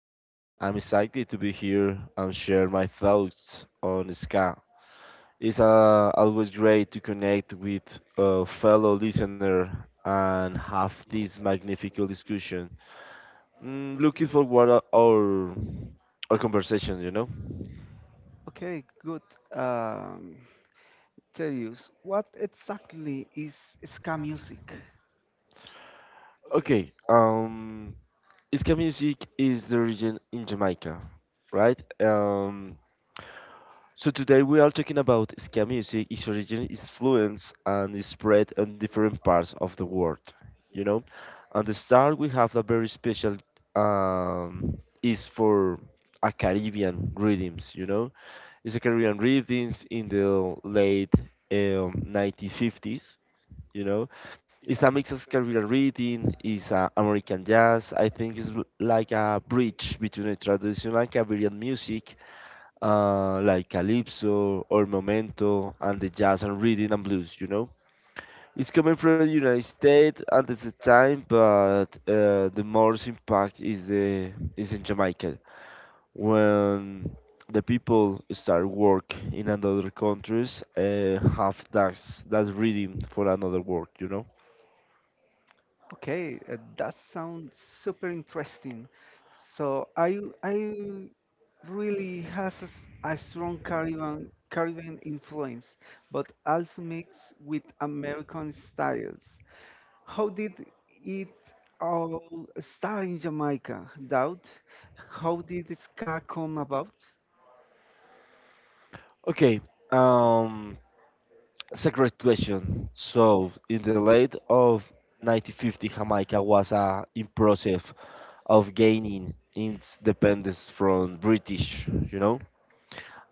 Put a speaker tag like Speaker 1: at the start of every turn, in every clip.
Speaker 1: I'm excited to be here and share my thoughts on ska. It's always great to connect with a fellow listener and have this magnificent discussion. Looking forward to our conversation.
Speaker 2: Okay, good. Um, what exactly is ska music.
Speaker 1: Okay, ska music is the region in Jamaica, right? So today we are talking about ska music, its origin, its influence, and its spread in different parts of the world. You know, and the start we have a very special um, is for a Caribbean rhythms. You know, it's a Caribbean rhythms in the late 1950s. You know, it's a mix of Caribbean rhythm, it's American jazz. I think it's like a bridge between the traditional Caribbean music like calypso or memento and the jazz and rhythm and blues, you know, it's coming from the United States at the time, but the most impact is the is in Jamaica when the people start work in another countries, have that rhythm for another work, you know.
Speaker 2: Okay, that sounds super interesting. So I really has a, a strong Caribbean influence, but also mixed with American styles. How did it all start in Jamaica? Doubt. How did ska come about?
Speaker 1: Okay, um it's a great question. So in the late of 1950, Jamaica was a impressive of gaining independence from British, you know.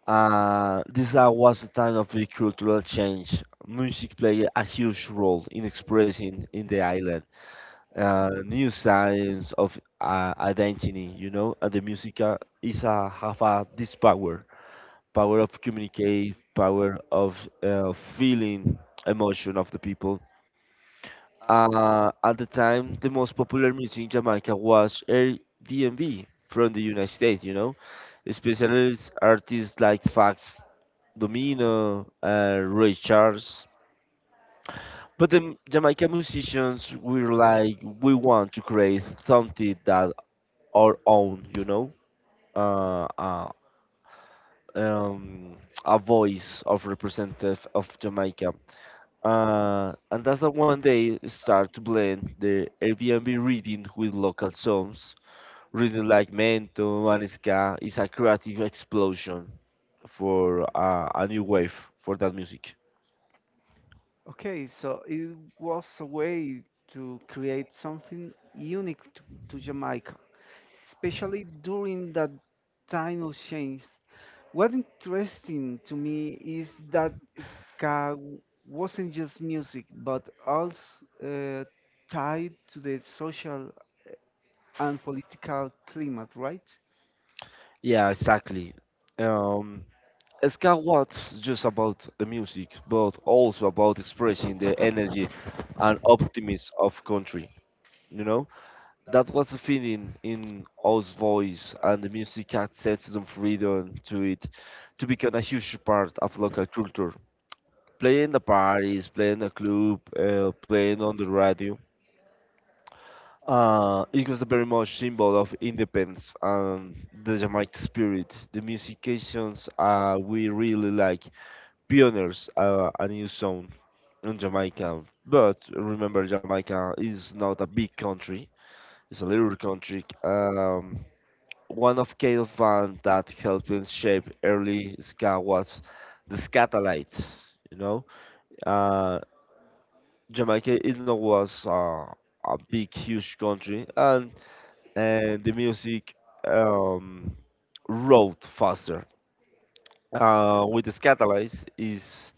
Speaker 1: This was a time of a cultural change. Music played a huge role in expressing in the island new signs of identity, you know, and the music is have this power, power of communicate, power of feeling emotion of the people. At the time, the most popular music in Jamaica was R&B from the United States, you know, specialist artists like Fax Domino, Ray Charles. But the Jamaican musicians were like, we want to create something that our own, you know, uh, uh, um, a voice of representative of Jamaica. And that's how one day start to blend the Airbnb reading with local songs. Reading like Mento and Ska is a creative explosion for a new wave for that music.
Speaker 2: Okay, so it was a way to create something unique to Jamaica, especially during that time of change. What interesting to me is that ska wasn't just music, but also uh, tied to the social and political climate, right?
Speaker 1: Yeah, exactly. Um, Ska was just about the music, but also about expressing the energy and optimism of country, you know? That was the feeling in O's voice, and the music had sense some freedom to it to become a huge part of local culture. Playing the parties, playing the club, playing on the radio, it was a very much symbol of independence and the Jamaican spirit. The musicians we really like, pioneers, a new sound in Jamaica. But remember, Jamaica is not a big country; it's a little country. One of Cato's bands that helped him shape early ska was the Scatolites, you know? Uh, Jamaica it not was a big, huge country, and the music um, rode faster. With the Scatolites is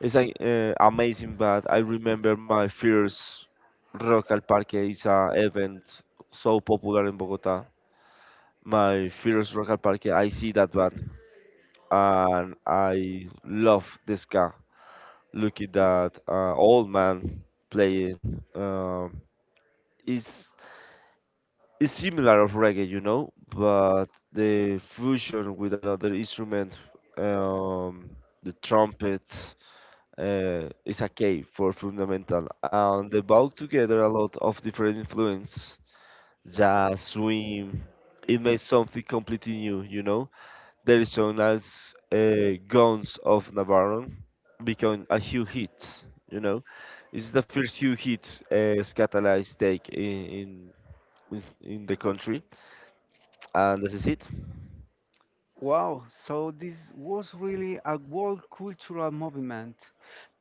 Speaker 1: is an uh, amazing band. I remember my first Rock al Parque is a event so popular in Bogota. My first Rock al Parque, I see that band and I love this guy. Look at that old man playing. Is is similar of reggae, you know, but the fusion with another instrument, um, the trumpet, is a key for fundamental, and they bow together a lot of different influence, jazz, swing. It makes something completely new, you know. There is known as Guns of Navarone" become a huge hit. You know, it's the first huge hit Scatalize take in, in the country, and this is it.
Speaker 2: Wow, so this was really a world cultural movement,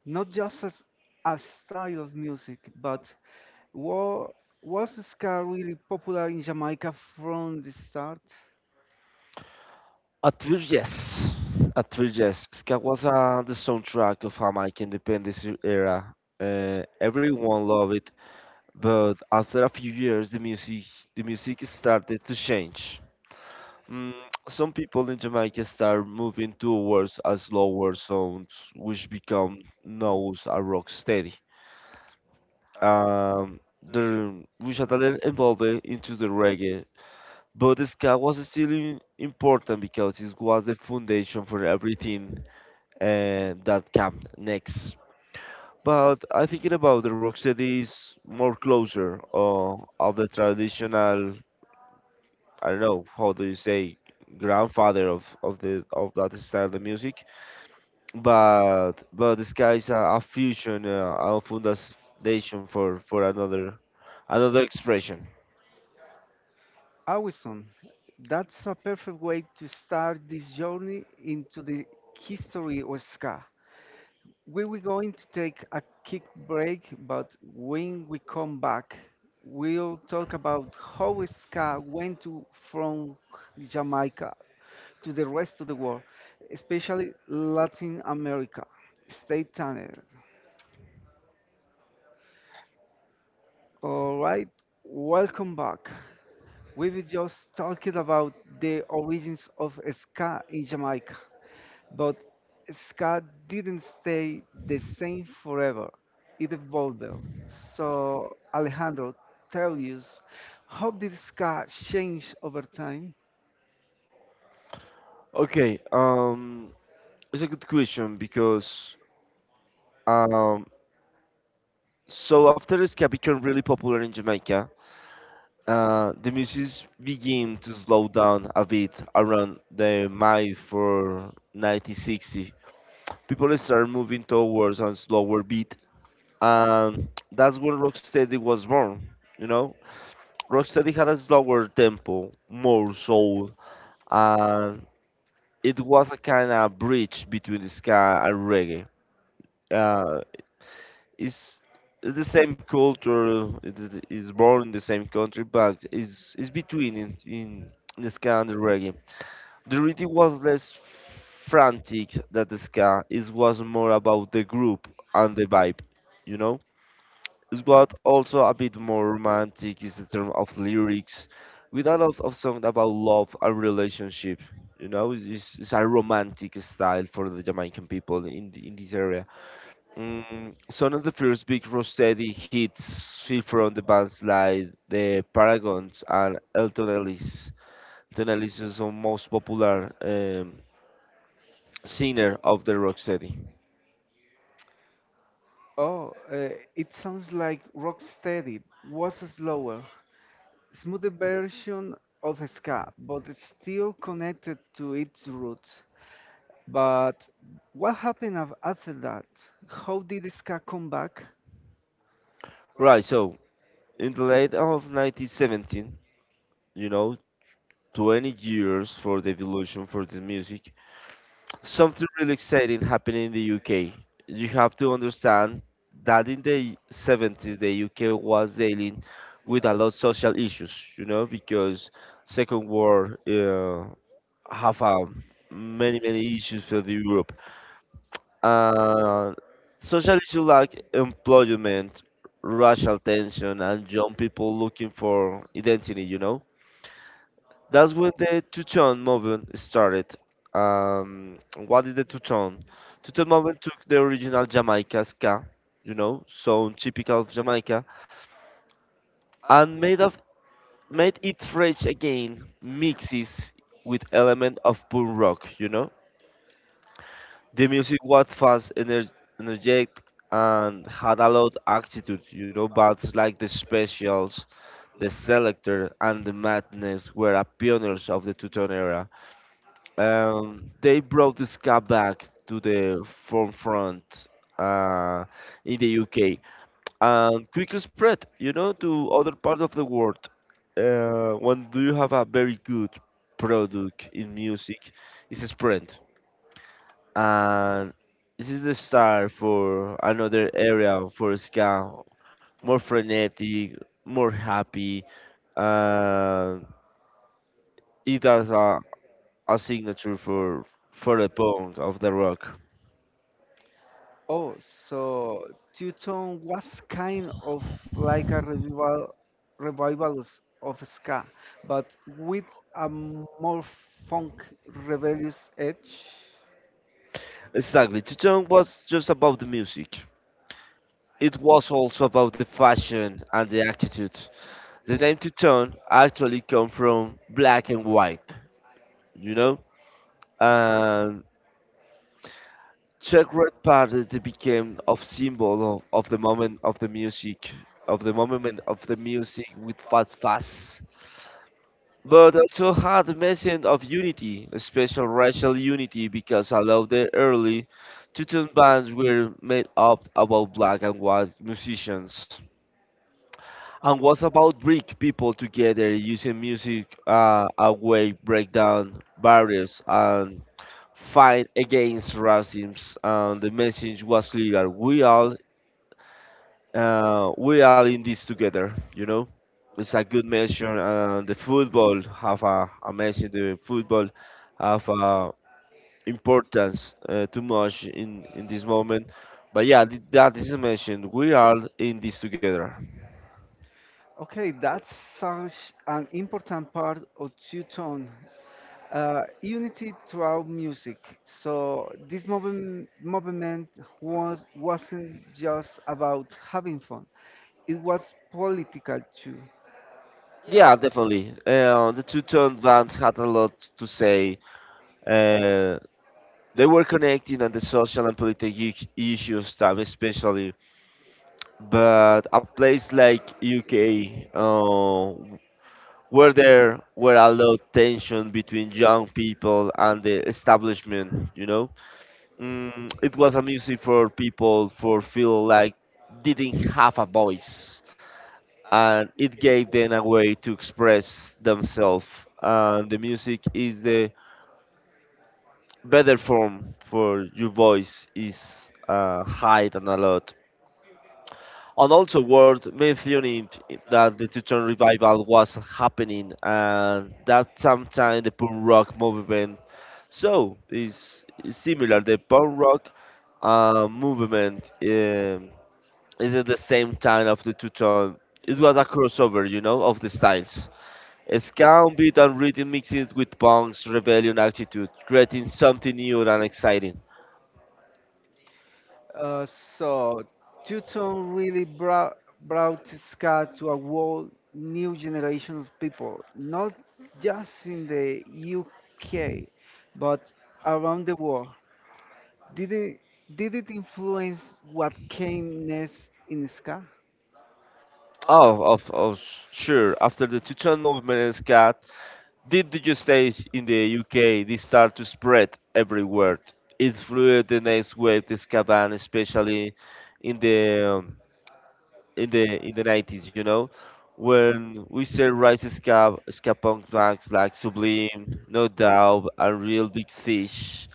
Speaker 2: not just as a style of music, but wa- was ska really popular in Jamaica from the start?
Speaker 1: At first, yes. At first, yes. Ska was the soundtrack of Jamaican independence era. Everyone loved it, but after a few years, the music started to change. Mm, some people in Jamaica start moving towards a slower sounds, which become known as rock steady. Um, the Wichataler evolved into the reggae, but the ska was still important because it was the foundation for everything that came next. But I thinking about the rocksteady is more closer of the traditional, I don't know how do you say, grandfather of the of that style of music, but this guy is a fusion, a foundation for another another expression.
Speaker 2: Awesome. That's a perfect way to start this journey into the history of ska. We were going to take a quick break, but when we come back, we'll talk about how ska from Jamaica to the rest of the world, especially Latin America. Stay tuned. All right, welcome back. We were just talking about the origins of ska in Jamaica. But Ska didn't stay the same forever. It evolved. So, Alejandro, tell us, how did Ska change over time?
Speaker 1: Okay, it's a good question because um, so after ska became really popular in Jamaica, the music began to slow down a bit around the May for 1960. People start moving towards a slower beat, and that's when Rocksteady was born. You know, Rocksteady had a slower tempo, more soul, and it was a kind of bridge between the ska and reggae. Uh, it's, it's the same culture, it's born in the same country, but it's between in the ska and the reggae. The rhythm was less frantic than the ska. It was more about the group and the vibe. You know. Is What also a bit more romantic is the term of lyrics, with a lot of songs about love and relationship. You know, it's a romantic style for the Jamaican people in in this area. Some of the first big rocksteady hits feel from the bands like the Paragons and Elton Ellis. Elton Ellis is the most popular singer of the rocksteady.
Speaker 2: Oh, it sounds like Rocksteady was a slower, smoother version of Ska, but it's still connected to its roots. But what happened after that? How did Ska come back?
Speaker 1: Right, so in the late of 1917, you know, 20 years for the evolution for the music, something really exciting happened in the UK. You have to understand that in the 70s, the UK was dealing with a lot of social issues, you know, because Second War have many, many issues for the Europe. Uh, Social issues like employment, racial tension, and young people looking for identity, you know, that's when the two-tone movement started. Um, what is the two-tone? Two-tone movement took the original Jamaica ska, you know, sound typical of Jamaica, and made it fresh again, mixes with element of punk rock, you know. The music was fast, energetic, and had a lot attitude, you know. Bands like the Specials, the Selector, and the Madness were a pioneers of the two-tone era. They brought the ska back to the forefront uh, in the UK and quickly spread, you know, to other parts of the world. When do you have a very good product in music, it's a sprint, and this is the start for another area for ska, more frenetic, more happy. Uh, it has a signature for the punk of the rock.
Speaker 2: Oh, so Two-Tone was kind of like a revivals of ska, but with a more funk rebellious edge.
Speaker 1: Exactly. Tutong was just about the music. It was also about the fashion and the attitude. The name Tutong actually comes from black and white, you know?
Speaker 2: Okay.
Speaker 1: And Czech Red Party they became a symbol of the moment of the music, of the moment of the music with fast. But also had the message of unity, a special racial unity, because a lot of the early Tutun bands were made up about black and white musicians, and was about bring people together using music, a way break down barriers and fight against racism. And the message was clear: we all, we are in this together. You know, it's a good measure. The football have a amazing. The football have a importance too much in this moment. But yeah, that is mentioned. We are in this together.
Speaker 2: Okay, that's such an important part of Two-Tone. Unity throughout music. So this movement wasn't just about having fun. It was political too.
Speaker 1: Yeah, definitely. The two tone bands had a lot to say. Uh, they were connecting on the social and political issues time, especially. But a place like UK, where there were a lot of tension between young people and the establishment, you know. It was a music for people for feel like didn't have a voice, and it gave them a way to express themselves, and the music is the better form for your voice is high than a lot. And also worth mentioning that the Teton revival was happening and that sometime the punk rock movement. So it's similar. The punk rock movement is at the same time of the two tone. It was a crossover, you know, of the styles. Ska, beat, and rhythm mixing with punk's rebellion attitude, creating something new and exciting.
Speaker 2: Uh, so, Tuton really brought ska to a whole new generation of people, not just in the UK, but around the world. Did it, did it influence what came next in ska?
Speaker 1: Oh, of sure. After the two-tone movement in ska, did the stage in the UK, this start to spread everywhere. It flew the next wave, the ska band, especially in the in the 90s, you know, when we said rise ska, ska punk bands like Sublime, No Doubt, and Real Big Fish.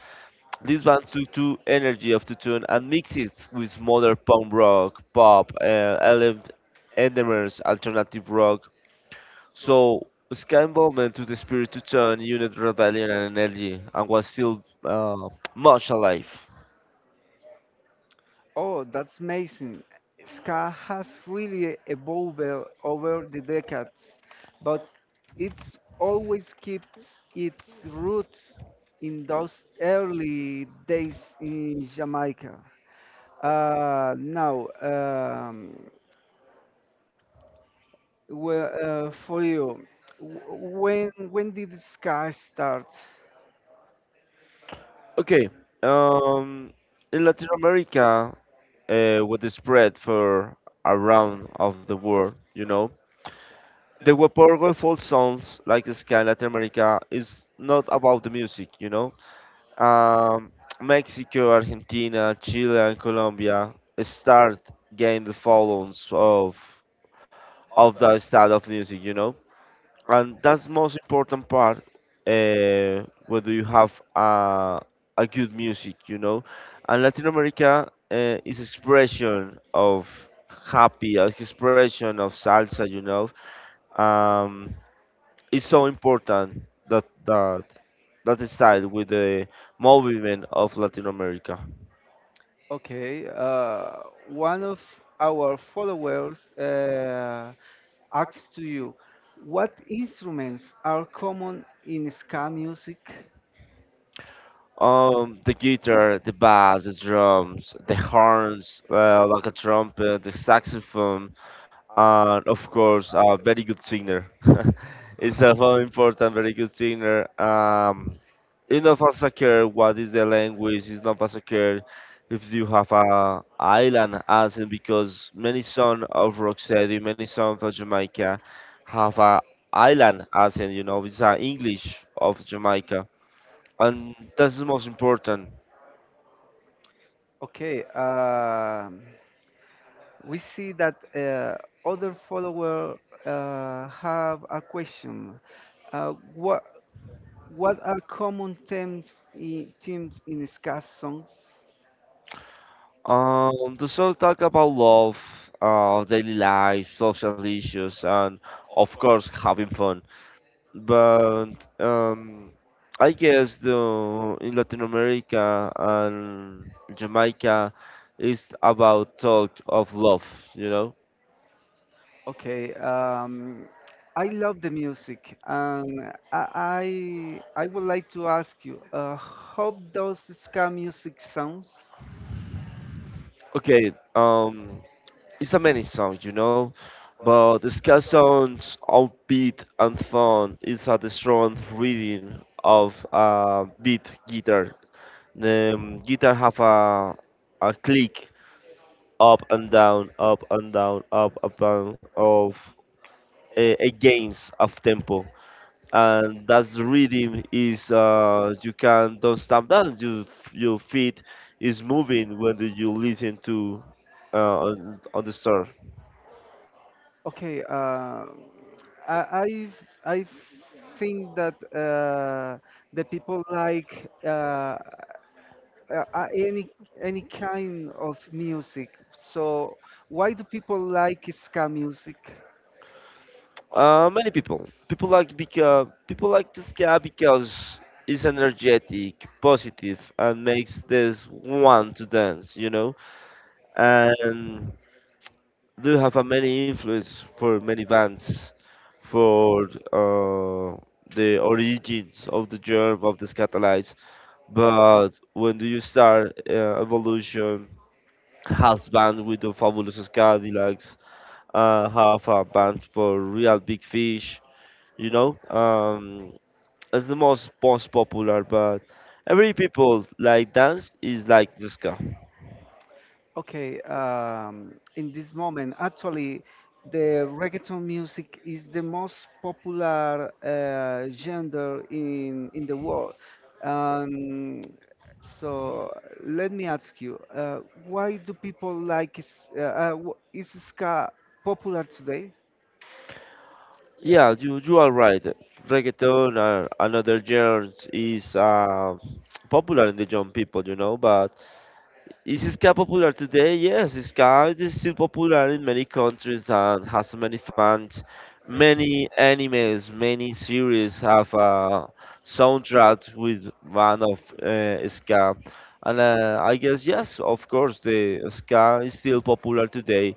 Speaker 1: These bands took the energy of the tune and mixed it with modern punk rock, pop, LM, Endemers, alternative rock. So ska involvement to the spirit to turn unit rebellion and energy and was still much alive.
Speaker 2: Oh, that's amazing. Ska has really evolved over the decades, but it's always keeps its roots in those early days in Jamaica. Uh, now, um, well, for you, when did ska start?
Speaker 1: Okay, um, in Latin America, with the spread for around of the world, you know. The Weporgo folk songs like Sky in Latin America is not about the music, you know. Um, Mexico, Argentina, Chile, and Colombia start getting the followings of the style of music, you know, and that's most important part, whether you have a good music, you know. And latin america is expression of happy, expression of salsa, you know. um, it's so important that that style with the movement of latin america.
Speaker 2: Okay, one of our followers. Asks to you, what instruments are common in ska music?
Speaker 1: The guitar, the bass, the drums, the horns, like a trumpet, the saxophone. And of course, a very good singer. It's a very important, very good singer. It's not as secure what is the language. It's not as secure if you have a island accent, because many sons of Rocksteady, many sons of Jamaica have a island accent. You know, it's a English of Jamaica, and that's the most important.
Speaker 2: Okay, we see that other follower have a question. Uh, what what are common themes themes in ska songs?
Speaker 1: The show talk about love, daily life, social issues, and of course having fun. But um, I guess the in Latin America and Jamaica is about talk of love, you know.
Speaker 2: Okay, I love the music, and I would like to ask you, how does ska music sounds?
Speaker 1: Okay, it's a many song, you know, but the ska sounds upbeat and fun. It's a strong reading of beat guitar. The guitar have a click up and down, up and down, up and down of against of tempo, and that's the rhythm is, you can don't stamp down. You, your feet is moving when you listen to, on the store.
Speaker 2: Okay, I think that the people like uh, uh, any any kind of music. So why do people like ska music?
Speaker 1: Many people. People like because people like the ska because it's energetic, positive, and makes this want to dance. You know, and do have a many influence for many bands, for, uh, the origins of the germ of the scatalytes. But when do you start evolution? Has band with the Fabulous Cadillacs, have a band for Real Big Fish. You know, it's the most popular, but every people like dance is like this guy.
Speaker 2: Okay, in this moment, actually, the reggaeton music is the most popular genre in the world. Um, so let me ask you, why do people like is, is ska popular today?
Speaker 1: Yeah, you are right. Reggaeton or another genre is, popular in the young people, you know. But is ska popular today? Yes, ska is still popular in many countries and has many fans. Many animes, many series have a soundtrack with one of, ska, and I guess yes, of course, the ska is still popular today,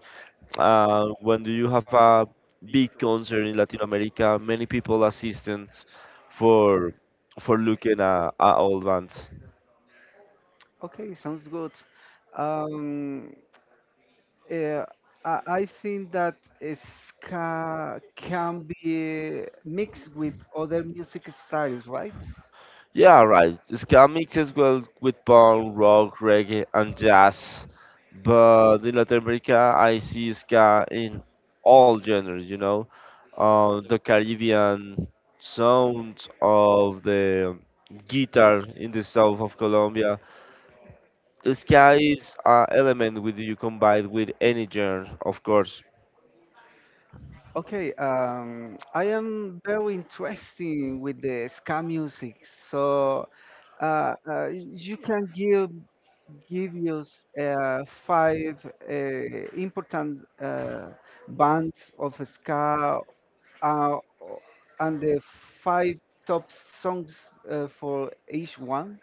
Speaker 1: when do you have a big concert in Latin America, many people assistant for for looking at old bands.
Speaker 2: Okay, sounds good. Um, Uh, I think that ska can be mixed with other music styles, right?
Speaker 1: Yeah, right. Ska mixes well with punk, rock, reggae, and jazz. But in Latin America, I see ska in all genres, you know. The Caribbean sounds of the guitar in the south of Colombia. The sky is an element with you combined with any genre, of course.
Speaker 2: Okay, I am very interested with the ska music, so you can give us five uh, important bands of ska uh, and the five top songs for each one.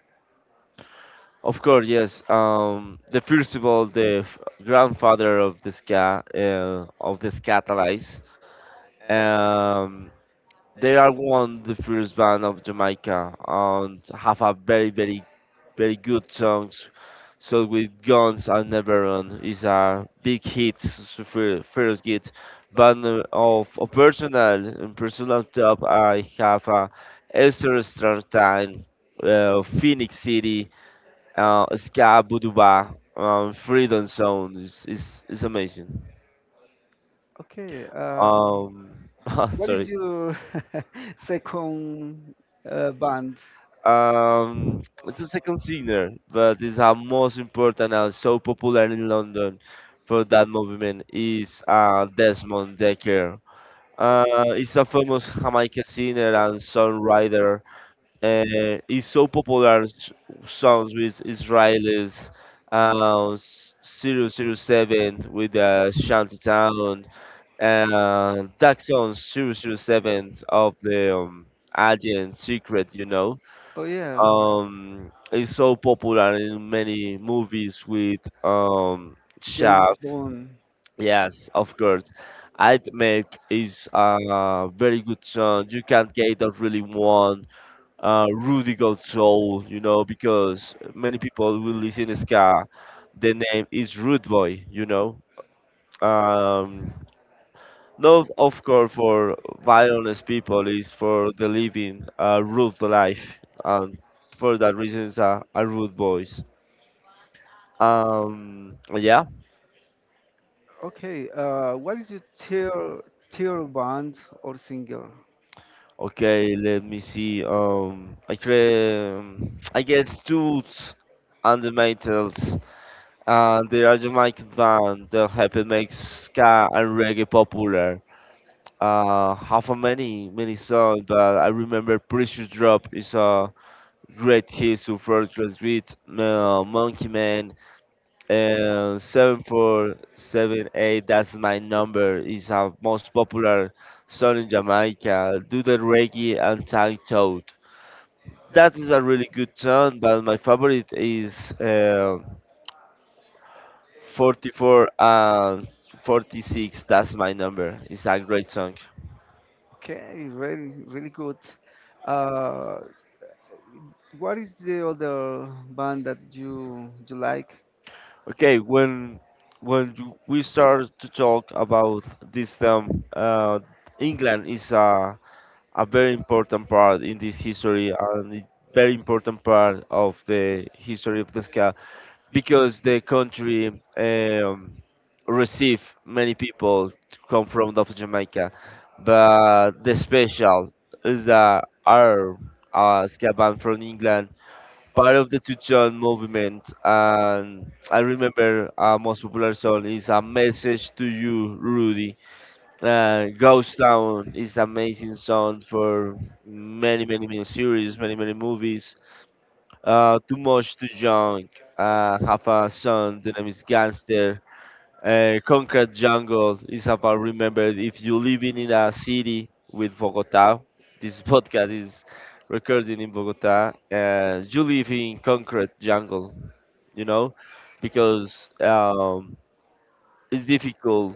Speaker 1: Of course, yes. The first of all, the grandfather of the ska, of the scatalyze. Um, They are one the first band of Jamaica and have a very very good songs. So with Guns and Never Run is a big hit, first hit. But of a personal in personal top, I have a Esther Stratton, Phoenix City, Ska Buduba, Freedom Zone is amazing.
Speaker 2: Okay,
Speaker 1: Um,
Speaker 2: what is
Speaker 1: sorry.
Speaker 2: your second band?
Speaker 1: It's a second singer, but it's our most important and so popular in London for that movement is, Desmond Dekker. He's a famous Jamaican singer and songwriter. He's so popular songs with Israelis, zero zero 007 with Shantytown, that song zero zero 007 of the Agent Secret, you know.
Speaker 2: Oh yeah,
Speaker 1: It's so popular in many movies with chef.
Speaker 2: James Bond.
Speaker 1: Yes, of course. I'd make is a very good song. You can not get a really one, Rudy Gold Soul, you know, because many people will listen ska. The name is Rude Boy, you know. Um, Not of course for violence people, is for the living a rude life, and for that reasons are a, rude boys. Yeah.
Speaker 2: Okay, what is your tier band or single?
Speaker 1: Okay, let me see. I create, I guess, tools and the metals. And they are Jamaican band that helped make ska and reggae popular. Half a many, many songs, but I remember Precious Drop is a great hit to first with Monkey Man and 7478. That's my number. It's our most popular song in Jamaica. Do the reggae and tag toad. That is a really good song, but my favorite is, 44 and 46. That's my number. It's a great song.
Speaker 2: Okay, really really good. Uh, what is the other band that you like?
Speaker 1: Okay, when we start to talk about this term, England is a very important part in this history and a very important part of the history of the ska, because the country um, receive many people to come from of Jamaica. But the special is that our ska band from England, part of the Tucson movement, and I remember our most popular song is "A Message to You, Rudy." Ghost Town is amazing song for many, many, many series, many, many movies. Too Much Too Young, have a son, the name is Gangster. Conquered Jungle is about remember if you living in a city with Bogota. This podcast is recorded in Bogota. You live in Conquered Jungle, you know, because it's difficult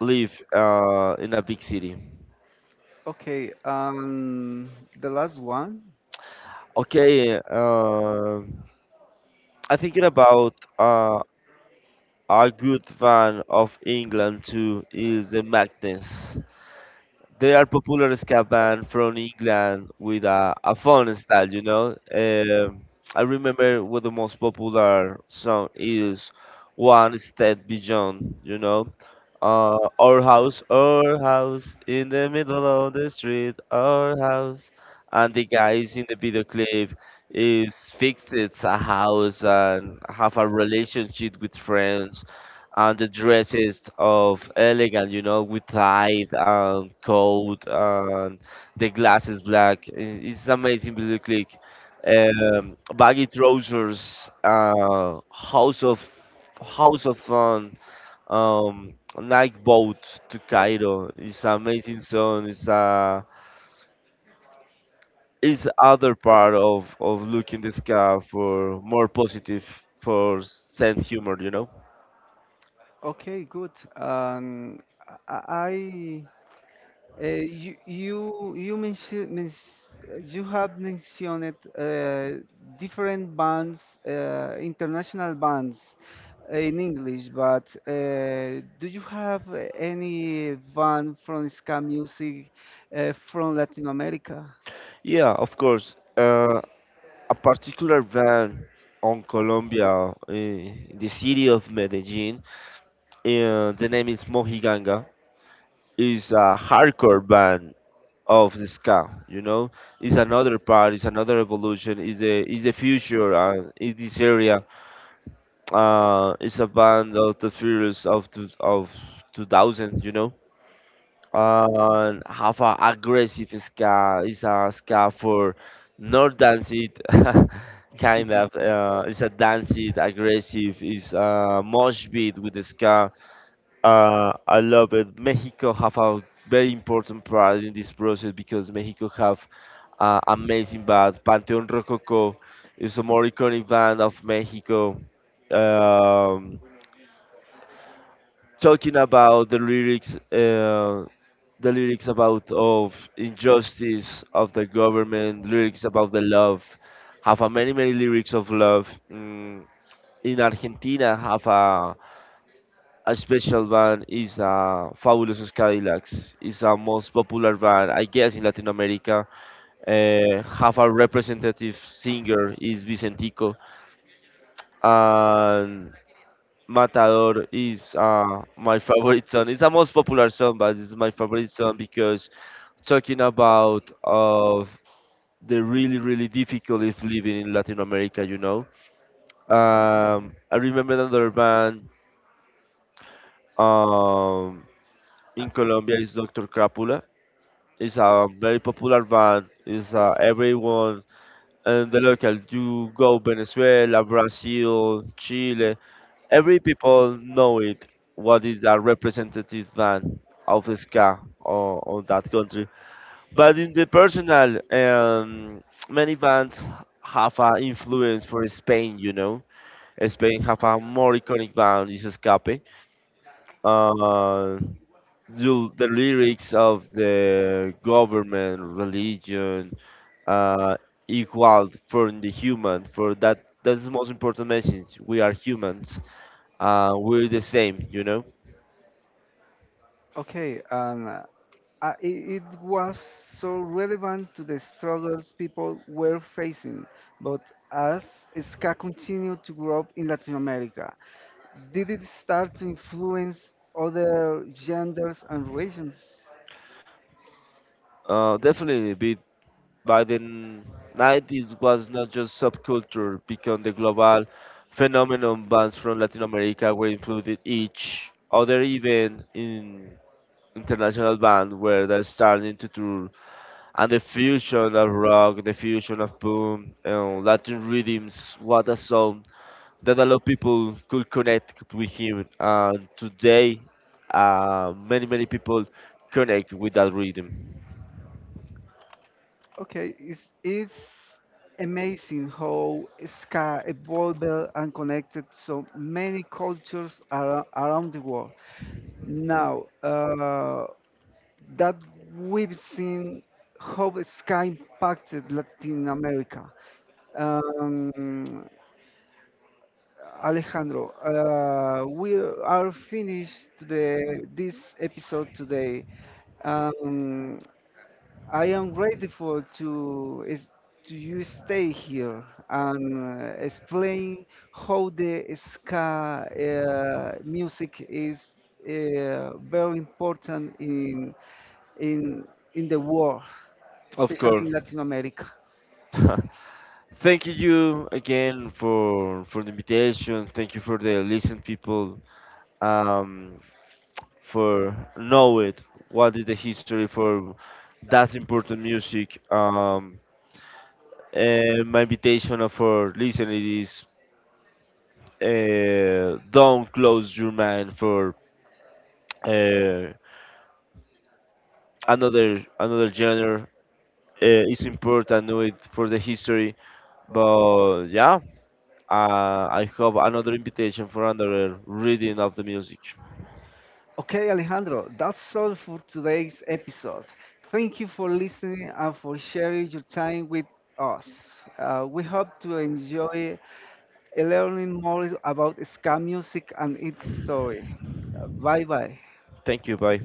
Speaker 1: live in a big city.
Speaker 2: Okay, the last one.
Speaker 1: Okay, I thinking about a good band of England too is the Magnets. They are popular ska band from England with a fun style, you know. I remember what the most popular song is, One Step Beyond, you know. Our house, our house, in the middle of the street, our house. And the guys in the video clip is fixed it's a house and have a relationship with friends and the dresses of elegant, you know, with tie and coat and the glasses black. It's amazing video clip. Baggy trousers, house of fun, um night boat to Cairo. It's an amazing song. It's a it's other part of looking the sky for more positive for sense humor. You know?
Speaker 2: Okay, good. Um, I you mentioned you have mentioned different bands, international bands eh, in English, but do you have any band from ska music from Latin America?
Speaker 1: Yeah, of course. A particular band on Colombia, in the city of Medellin. The name is Mojiganga. Is a hardcore band of the ska. You know, it's another part. It's another evolution. Is the future. Is this area. It's a band of the Furious of two, of 2000, you know. And have a aggressive ska. It's a ska for not dance it, kind of. It's a dance it, aggressive. It's a mosh beat with the ska. I love it. Mexico have a very important part in this process because Mexico have amazing band. Panteón Rococo is a more iconic band of Mexico. Um, Talking about the lyrics about of injustice of the government, lyrics about the love, have a many many lyrics of love. Mm, in Argentina, have a special band is a Fabulosos Cadillacs. It's a most popular band, I guess, in Latin America. Have a representative singer is Vicentico, and. Matador is, my favorite song. It's the most popular song, but it's my favorite song because talking about of the really really difficulties living in Latin America, you know. I remember another band, um, in Colombia is Dr. Crápula. It's a very popular band. It's, everyone and the local. You go Venezuela, Brazil, Chile. Every people know it. What is the representative band of ska, or that country? But in the personal, many bands have an influence for Spain. You know, Spain have a more iconic band is Escape. Uh, you, the lyrics of the government, religion, uh, equal for the human. For that, that's the most important message. We are humans, we're the same, you know.
Speaker 2: Okay, and it, it was so relevant to the struggles people were facing. But as ska continued to grow up in Latin America, did it start to influence other genders and regions?
Speaker 1: Definitely, be, by the 90s was not just subculture, become the global phenomenon. Bands from Latin America were included each other, even in international band where they're starting to tour. And the fusion of rock, the fusion of boom, Latin rhythms, what a song! That a lot of people could connect with him. And today, many many people connect with that rhythm.
Speaker 2: Okay, it's amazing how ska evolved and connected so many cultures around the world. Now, that we've seen how the sky impacted Latin America. Um, Alejandro, we are finished this episode today. Um, I am grateful to to you stay here and explain how the ska music is very important in in the world.
Speaker 1: Of
Speaker 2: Especially
Speaker 1: course.
Speaker 2: in Latin America.
Speaker 1: Thank you again for the invitation. Thank you for the listen people. Um, for know it what is the history for that important music, and my invitation for listening is, don't close your mind for, uh, another genre. It's important know it for the history, but yeah, I have another invitation for another reading of the music.
Speaker 2: Okay, Alejandro, that's all for today's episode. Thank you for listening and for sharing your time with us. We hope to enjoy learning more about ska music and its story. Bye bye.
Speaker 1: Thank you, bye.